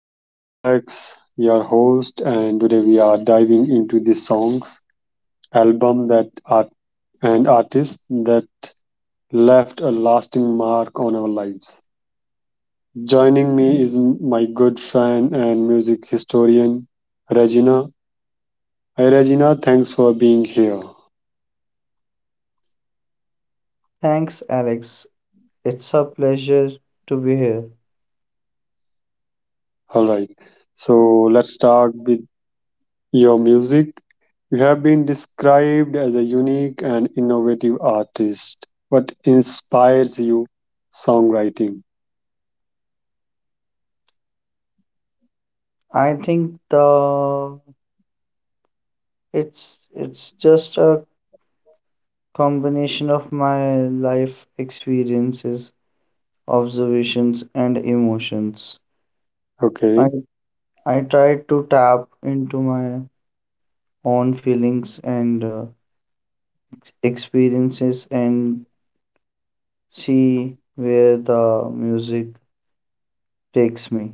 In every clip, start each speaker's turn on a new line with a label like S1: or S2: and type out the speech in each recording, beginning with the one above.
S1: I'm Alex, your host, and today we are diving into the songs, album that art and artists that left a lasting mark on our lives. Joining me is my good friend and music historian, Regina. Hi, Regina. Thanks for being here.
S2: Thanks, Alex. It's a pleasure to be here.
S1: All right. So let's start with your music. You have been described as a unique and innovative artist. What inspires you? Songwriting.
S2: I think the it's it's just a combination of my life experiences, observations, and emotions.
S1: Okay.
S2: I I try to tap into my own feelings and experiences and see where the music takes me.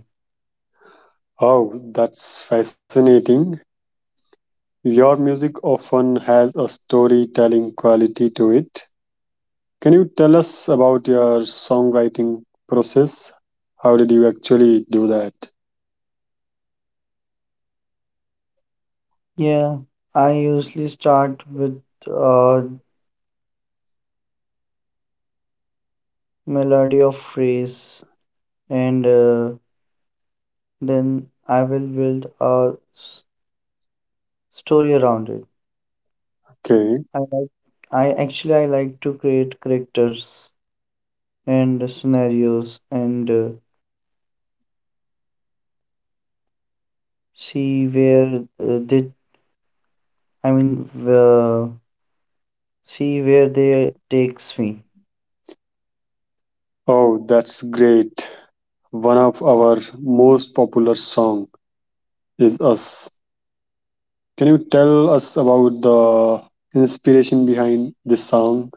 S1: Oh, that's fascinating. Your music often has a storytelling quality to it. Can you tell us about your songwriting process? How did you actually do that?
S2: Yeah, I usually start with a melody of phrase and then I will build a story around it.
S1: Okay.
S2: I like, I actually I like to create characters and scenarios and see where uh, they, I mean, uh, see where they takes me.
S1: Oh, that's great. One of our most popular song is Us. Can you tell us about the inspiration behind this song?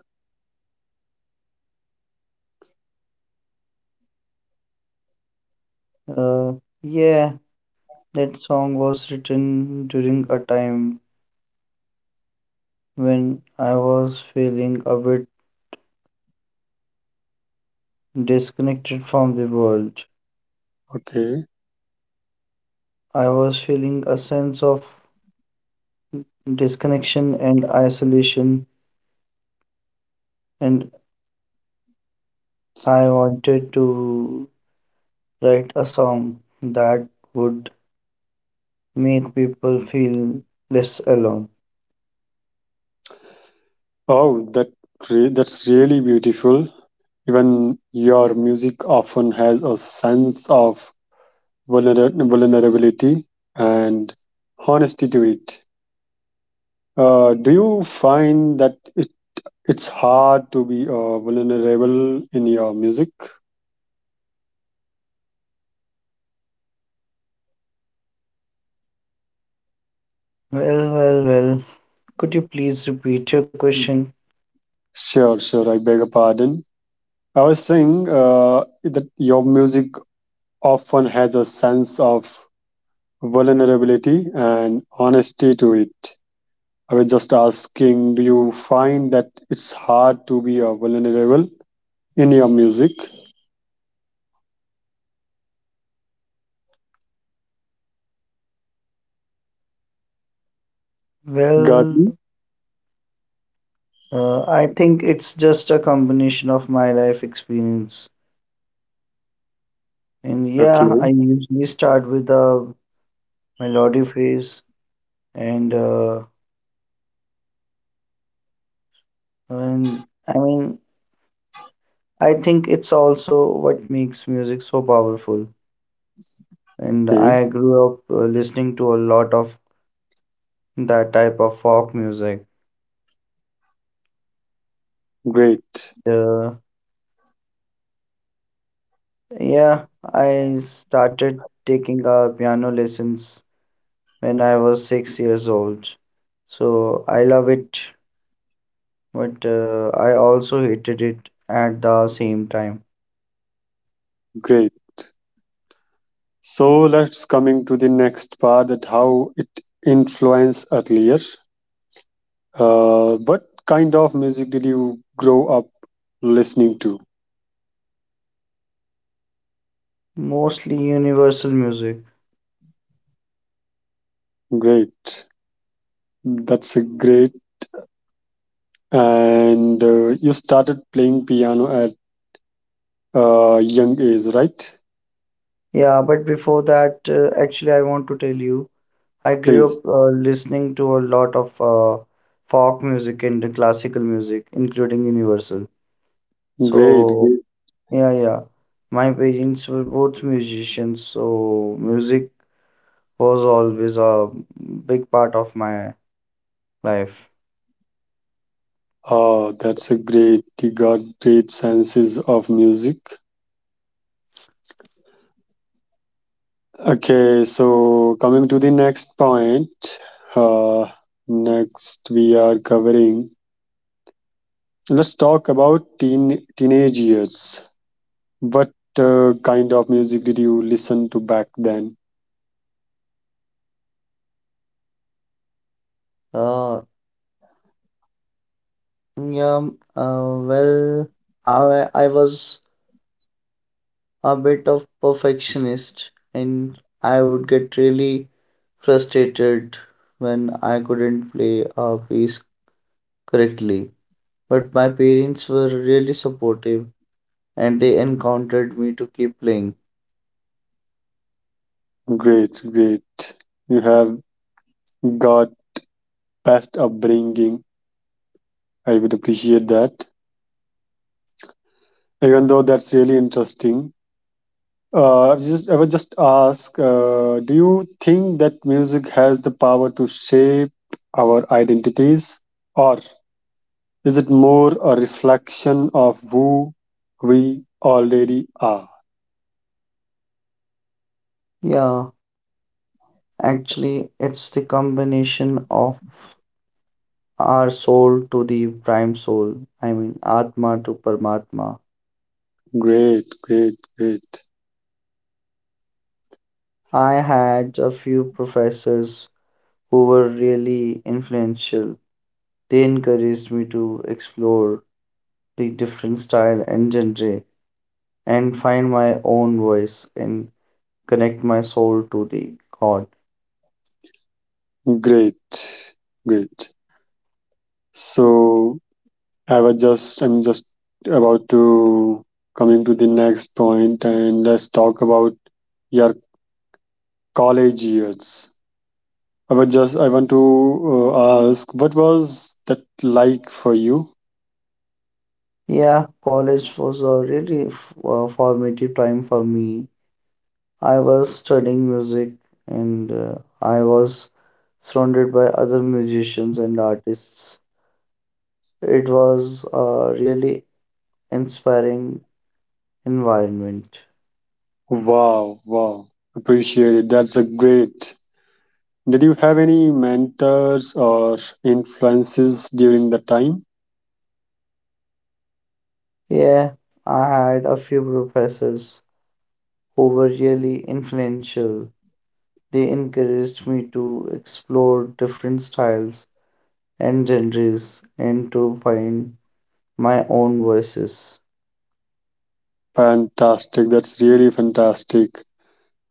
S2: Uh, yeah, that song was written during a time when I was feeling a bit disconnected from the world.
S1: Okay.
S2: I was feeling a sense of disconnection and isolation, and I wanted to write a song that would make people feel less alone.
S1: Oh, that's really beautiful. Even your music often has a sense of vulnerability and honesty to it. Do you find that it's hard to be vulnerable in your music?
S2: Well, could you please repeat your question?
S1: Sure, sure. I beg your pardon. I was saying that your music often has a sense of vulnerability and honesty to it. I was just asking, do you find that it's hard to be vulnerable in your music, Garden?
S2: well I think it's just a combination of my life experience, and yeah,
S1: Okay,
S2: I usually start with a melody phrase and and I mean, I think it's also what makes music so powerful. And
S1: okay,
S2: I grew up listening to a lot of that type of folk music.
S1: great,
S2: Uh, yeah, I started taking piano lessons when I was 6 years old. So I love it, but I also hated it at the same time.
S1: great. So let's coming to the next part that how it influenced earlier. What kind of music did you grow up listening to?
S2: Mostly universal music.
S1: Great, that's a great. And you started playing piano young age, right?
S2: Yeah, but before that, actually, I want to tell you, I grew
S1: Please.
S2: up listening to a lot of folk music and classical music, including universal.
S1: Great,
S2: So,
S1: great.
S2: yeah, yeah. My parents were both musicians, so music was always a big part of my life.
S1: Oh, that's a great. He got great senses of music. Okay, so coming to the next point. Uh, Next, we are covering. Let's talk about teenage years. What kind of music did you listen to back then?
S2: Uh, yeah, um, uh, well, I was a bit of perfectionist and I would get really frustrated when I couldn't play a piece correctly. But my parents were really supportive and they encouraged me to keep playing.
S1: Great, great. You have got best upbringing. I would appreciate that. Even though that's really interesting. I just, I would just ask, do you think that music has the power to shape our identities, or is it more a reflection of who we already are?
S2: Yeah, actually, it's the combination of our soul to the prime soul. I mean, Atma to Paramatma.
S1: Great, great, great,
S2: I had a few professors who were really influential. They encouraged me to explore the different style and genre and find my own voice and connect my soul to the God.
S1: great, great. So I was just, I'm just about to coming to the next point, and let's talk about your college years. I would just I want to ask what was that like for you?
S2: Yeah, college was a really formative time for me. I was studying music and I was surrounded by other musicians and artists. It was a really inspiring environment.
S1: Wow, wow. Appreciate it. That's a great. Did you have any mentors or influences during the time?
S2: Yeah, I had a few professors who were really influential. They encouraged me to explore different styles and genres and to find my own voices.
S1: Fantastic. That's really fantastic.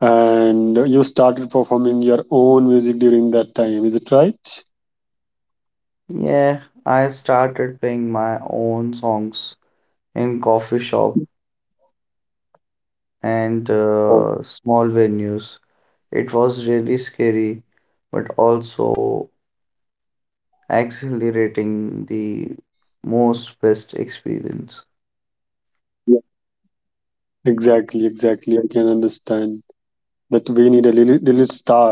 S1: And you started performing your own music during that time. Is it right?
S2: Yeah, I started playing my own songs in coffee shops and
S1: Oh.
S2: small venues. It was really scary, but also accelerating, the most best experience.
S1: Exactly,
S2: Yeah.
S1: exactly. I can understand that we need a little, little start.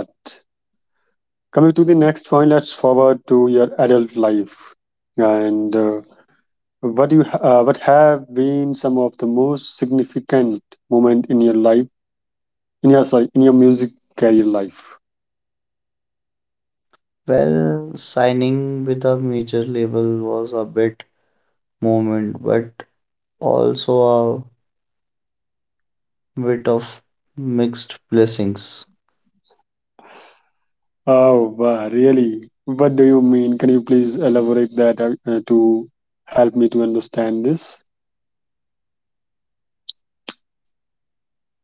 S1: Coming to the next point, let's forward to your adult life. And What you what have been some of the most significant moment in your life? In your sorry, in your music career life?
S2: Well, signing with a major label was a bit moment, but also a bit of mixed blessings.
S1: Oh, wow, really? What do you mean? Can you please elaborate that to help me to understand this?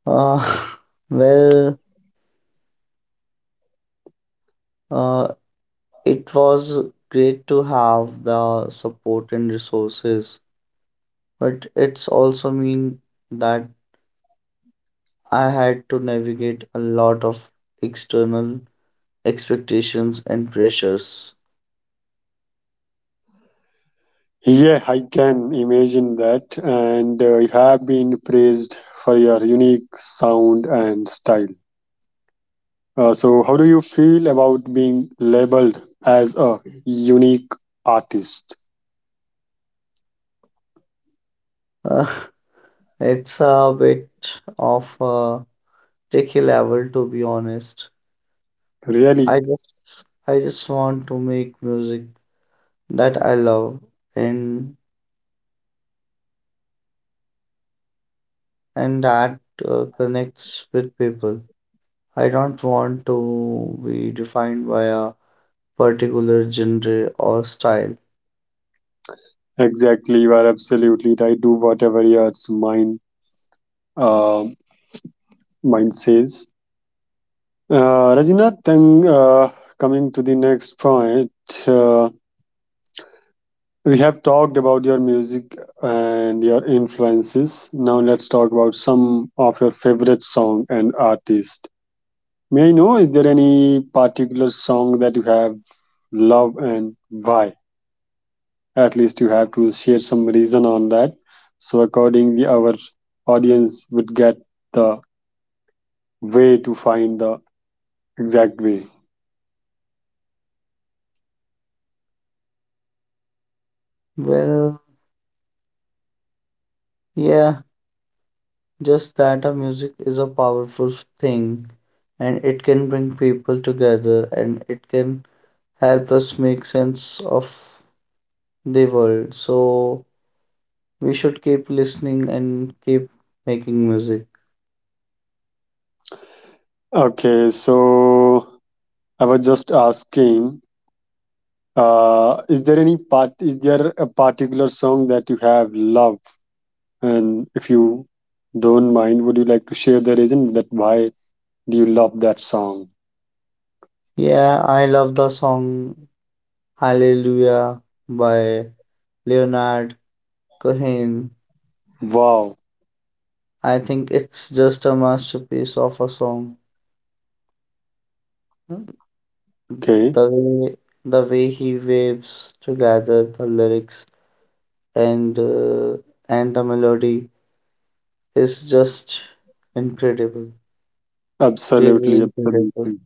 S2: Uh, well, uh, it was great to have the support and resources, but it's also mean that I had to navigate a lot of external expectations and pressures.
S1: Yeah, I can imagine that, and you have been praised for your unique sound and style. So, how do you feel about being labeled as a unique artist?
S2: Uh, it's a bit of a tricky level, to be honest. I
S1: Really?
S2: just I just want to make music that I love, and and that connects with people. I don't want to be defined by a particular genre or style.
S1: Exactly, you are absolutely right. Do whatever your mind uh, mind says. Rajina. Then coming to the next point, uh, we have talked about your music and your influences. Now let's talk about some of your favorite song and artist. May I know is there any particular song that you have love and why? At least you have to share some reason on that, so accordingly our audience would get the way to find the exact way.
S2: Well, yeah, just that a music is a powerful thing, and it can bring people together and it can help us make sense of the world. So we should keep listening and keep making music.
S1: Okay, so I was just asking, is there any part is there a particular song that you have love, and if you don't mind, would you like to share the reason that why do you love that song?
S2: Yeah, I love the song Hallelujah by Leonard Cohen.
S1: Wow.
S2: I think it's just a masterpiece of a song. The
S1: Okay.
S2: way the way he waves together the lyrics and the melody is just incredible, really
S1: Absolutely,
S2: incredible.
S1: absolutely.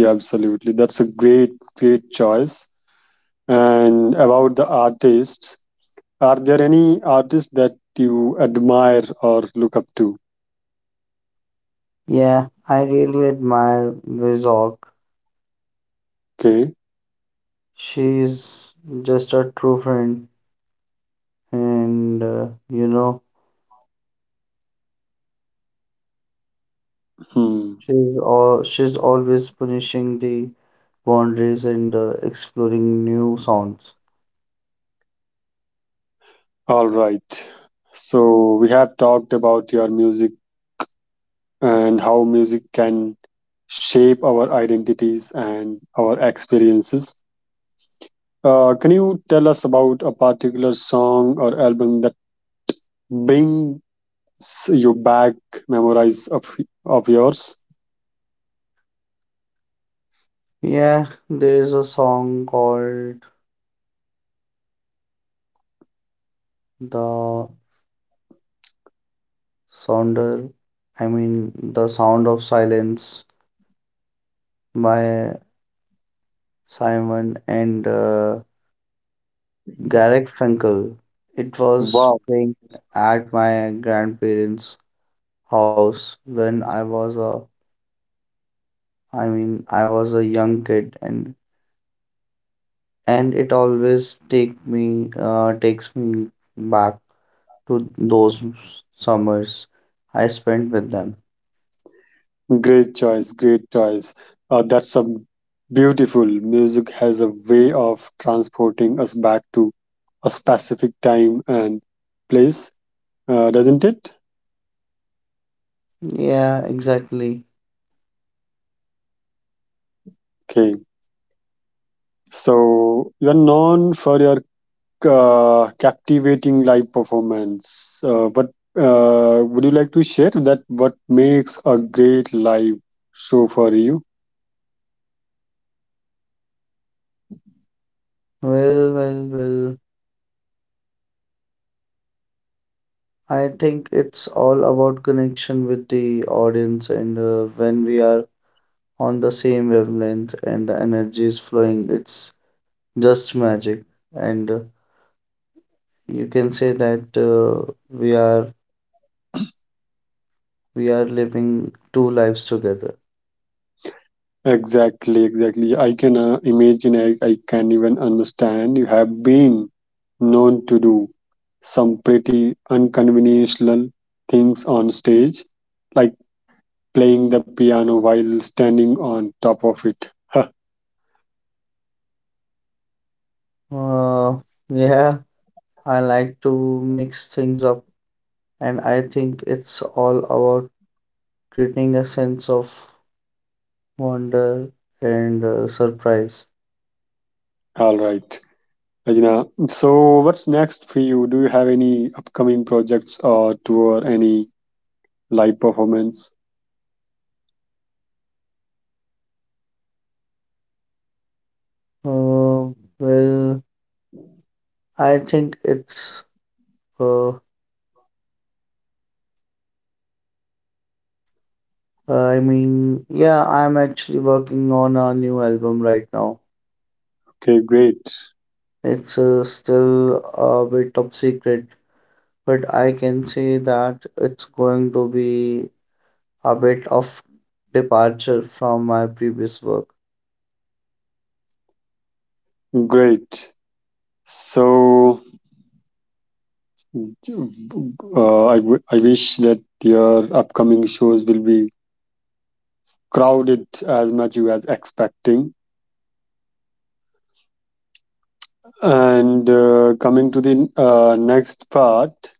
S1: Yeah, absolutely. That's a great, great choice. And about the artists, are there any artists that you admire or look up to?
S2: Yeah, I really admire Vizog.
S1: Okay.
S2: She's just a true friend, and you know,
S1: Hmm.
S2: she's always punishing the boundaries and exploring new sounds.
S1: All right. So we have talked about your music and how music can shape our identities and our experiences. Can you tell us about a particular song or album that brings you back memories of yours?
S2: Yeah, there's a song called The Sounder, The Sound of Silence by Simon and Garrett Frankel. It was
S1: Wow,
S2: playing at my grandparents' house when I was a young kid, and it always takes me back to those summers I spent with them.
S1: great choice, great choice. That's a beautiful. Music has a way of transporting us back to a specific time and place, doesn't it?
S2: Yeah, exactly.
S1: Okay, so you're known for your captivating live performance. What Would you like to share that? What makes a great live show for you?
S2: Well, well, well. I think it's all about connection with the audience, and when we are on the same wavelength and the energy is flowing, it's just magic. And you can say that we are living two lives together.
S1: Exactly, exactly. I can imagine, I can even understand. You have been known to do some pretty unconventional things on stage, like playing the piano while standing on top of it.
S2: Uh, yeah, I like to mix things up, and I think it's all about creating a sense of wonder and surprise.
S1: All right, Rajna. So, what's next for you? Do you have any upcoming projects or tour, any live performance?
S2: Uh, well, I think it's uh, I mean, Yeah, I'm actually working on a new album right now.
S1: Okay, great,
S2: It's still a bit top secret, but I can say that it's going to be a bit of departure from my previous work.
S1: great. So, I wish that your upcoming shows will be crowded as much you as expecting. And coming to the next part,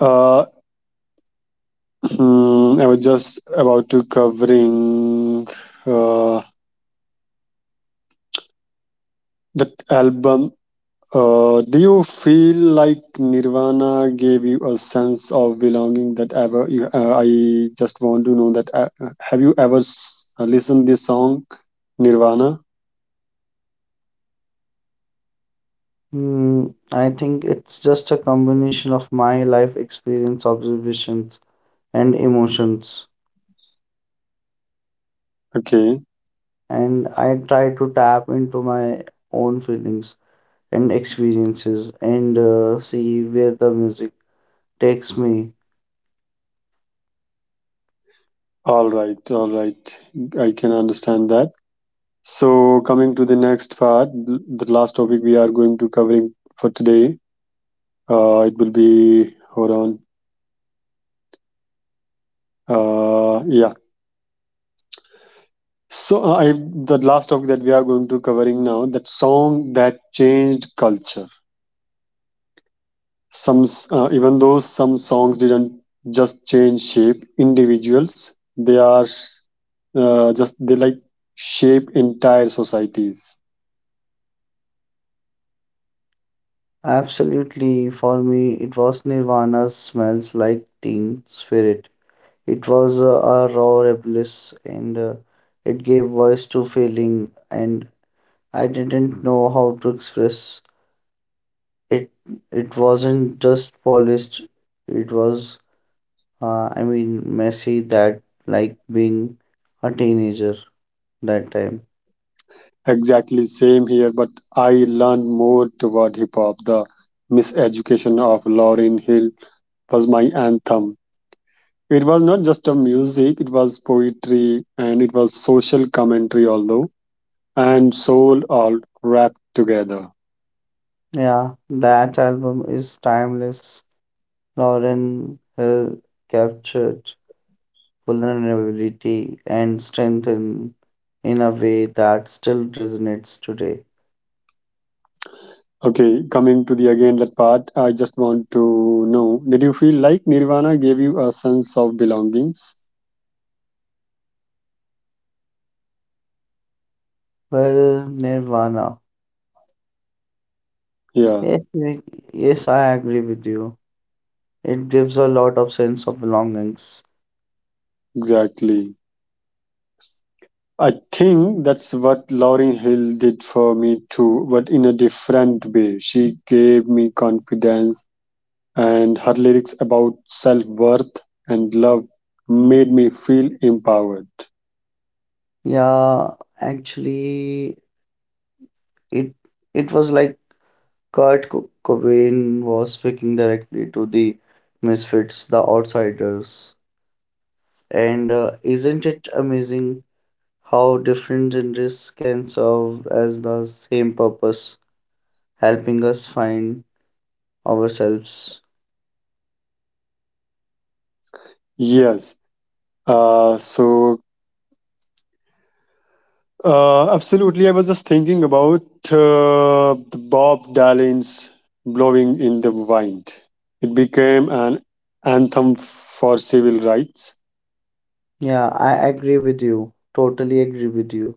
S1: uh, I was just about to covering uh, that album. Do you feel like Nirvana gave you a sense of belonging that ever you, I just want to know that have you ever listened this song Nirvana?
S2: Hmm, I think it's just a combination of my life experience, observations, and emotions.
S1: Okay,
S2: And I try to tap into my own feelings and experiences and see where the music takes me.
S1: all right, all right. I can understand that. So, coming to the next part, the last topic we are going to covering for today, it will be hold on. Yeah. So, I the last topic that we are going to covering now, that song that changed culture. Even though some songs didn't just change shape, individuals, they are just they like shape entire societies.
S2: Absolutely, for me, it was Nirvana's Smells Like Teen Spirit. It was a raw rebellious, and it gave voice to feeling and I didn't know how to express it. It wasn't just polished, it was, messy, that like being a teenager that time.
S1: Exactly same here, but I learned more toward hip hop. The miseducation of Lauryn Hill was my anthem. It was not just a music, it was poetry and it was social commentary, although, and soul all wrapped together.
S2: Yeah, that album is timeless. Lauren Hill captured vulnerability and strengthen in a way that still resonates today.
S1: Okay, coming to the again that part, I just want to know, did you feel like Nirvana gave you a sense of belongings?
S2: Well, Nirvana.
S1: Yeah,
S2: Yes, I- yes, I agree with you. It gives a lot of sense of belongings.
S1: exactly. I think that's what Lauryn Hill did for me too, but in a different way. She gave me confidence, and her lyrics about self worth and love made me feel empowered.
S2: Yeah, actually, it it was like Cobain was speaking directly to the misfits, the outsiders. And isn't it amazing how different genres can serve as the same purpose, helping us find ourselves?
S1: Yes. Uh, so, Absolutely. I was just thinking about the Bob Dylan's Blowing in the Wind. It became an anthem for civil rights.
S2: Yeah, I agree with you. Totally agree with you.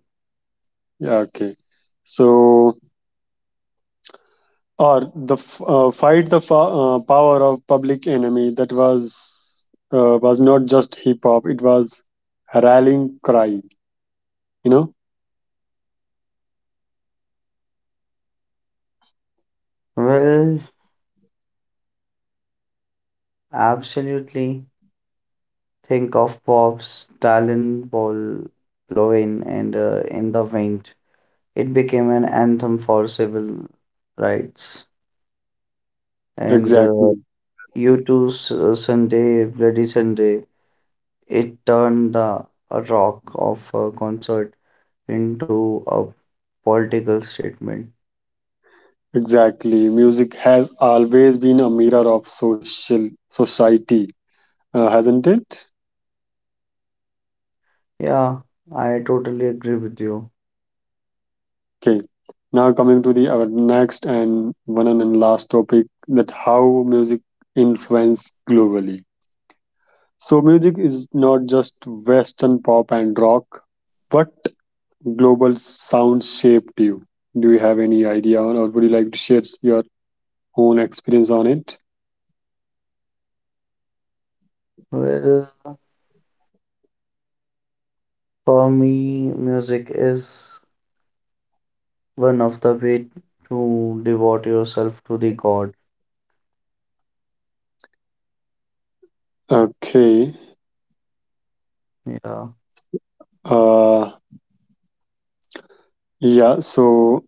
S1: Yeah, okay. So, or the fight the power of public enemy. That was not just hip hop, it was a rallying cry, you know.
S2: Well, absolutely. Think of Bob's talent ball blowing and in the wind. It became an anthem for civil rights. And
S1: Exactly,
S2: U2's Sunday, Bloody Sunday, it turned the a rock of a concert into a political statement.
S1: exactly. Music has always been a mirror of social society, hasn't it?
S2: Yeah, I totally agree with you.
S1: Okay, now coming to the our next and one and last topic, that how music influence globally. So music is not just western pop and rock, but global sound shaped you? Do you have any idea on, or would you like to share your own experience on it?
S2: Well, for me, music is one of the way to devote yourself to the God.
S1: Okay.
S2: Yeah.
S1: Uh, yeah, so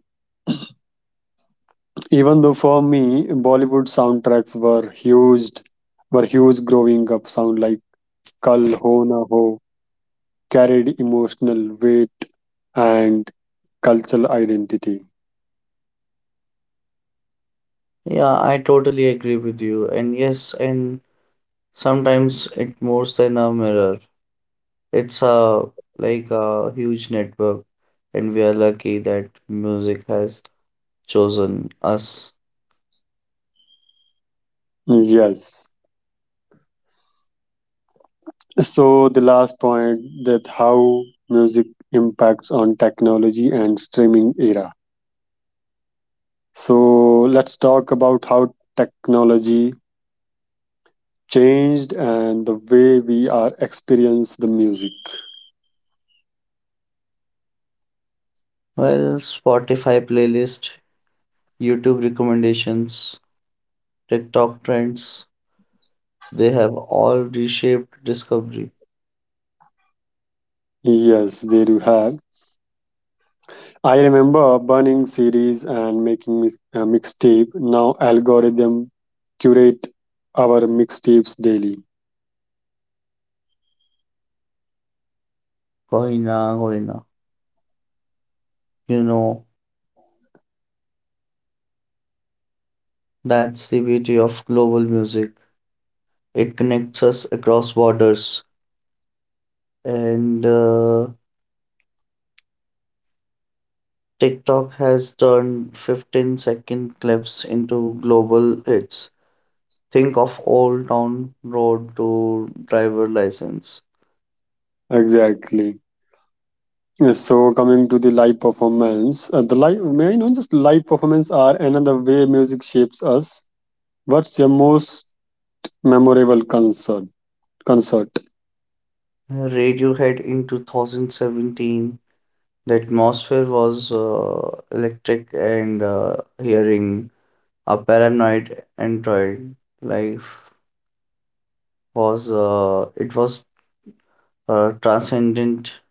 S1: even though for me, Bollywood soundtracks were huge growing up. Sound like Kal Ho Na Ho carried emotional weight and cultural identity.
S2: Yeah, I totally agree with you. And yes, and sometimes it more than a mirror. It's a like a huge network, and we are lucky that music has chosen us.
S1: Yes. So the last point that how music impacts on technology and streaming era. So let's talk about how technology changed and the way we are experience the music.
S2: Well, Spotify playlist, YouTube recommendations, TikTok trends, they have all reshaped discovery.
S1: Yes, there you have. I remember burning CDs and making a mixtape. Now algorithm curate our mixtapes daily.
S2: Koi na, koi na. You know, that's the beauty of global music. It connects us across borders. And TikTok has turned 15-second clips into global hits. Think of Old Town Road to Driver License.
S1: Exactly. Yes, so coming to the live performance, may I know just live performance are another way music shapes us. What's your most memorable concert? Concert.
S2: Radiohead in 2017. The atmosphere was electric and hearing a Paranoid Android life was it was transcendent.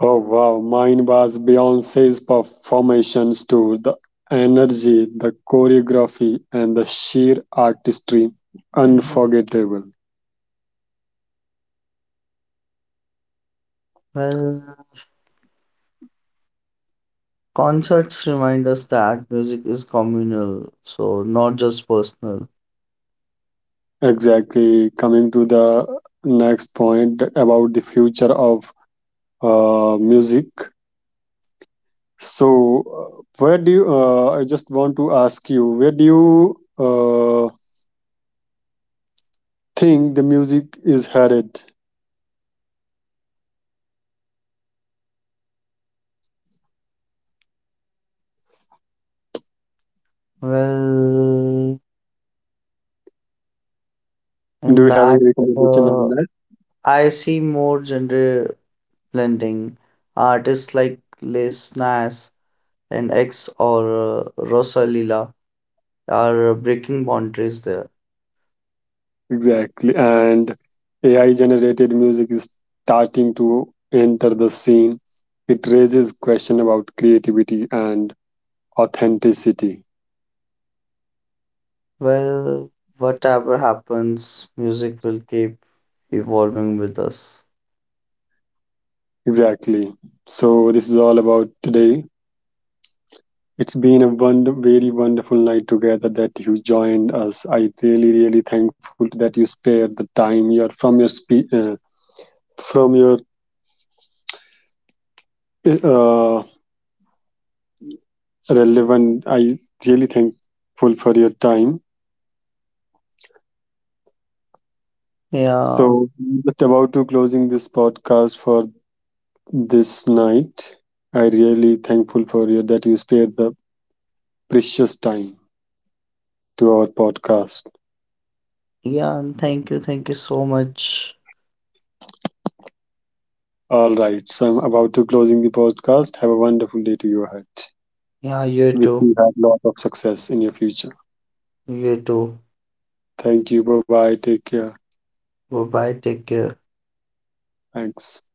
S1: Oh wow, mine was Beyonce's performations too. The energy, the choreography, and the sheer artistry, unforgettable.
S2: well Concerts remind us that music is communal, so not just personal.
S1: Exactly. Coming to the next point about the future of music. So, I just want to ask you, where do you think the music is headed?
S2: well
S1: Do
S2: in
S1: you have
S2: that
S1: any recommendation
S2: uh,
S1: on that?
S2: i see more gender blending artists like Les Nas and X, or Rosalila, are breaking boundaries there.
S1: Exactly. And AI generated music is starting to enter the scene. It raises question about creativity and authenticity.
S2: Well, whatever happens, music will keep evolving with us.
S1: Exactly. So, this is all about today. It's been a wonder, very wonderful night together that you joined us. I really, really thankful that you spared the time your from your from your uh, relevant. I really thankful for your time.
S2: Yeah,
S1: So just about to closing this podcast for this night. I really thankful for you that you spared the precious time to our podcast.
S2: yeah, and thank you so much.
S1: All right, so I'm about to closing the podcast. Have a wonderful day to your ahead.
S2: Yeah, you
S1: If
S2: too,
S1: you have a lot of success in your future.
S2: you too.
S1: Thank you. Bye bye. Take care.
S2: Bye bye, take care.
S1: Thanks.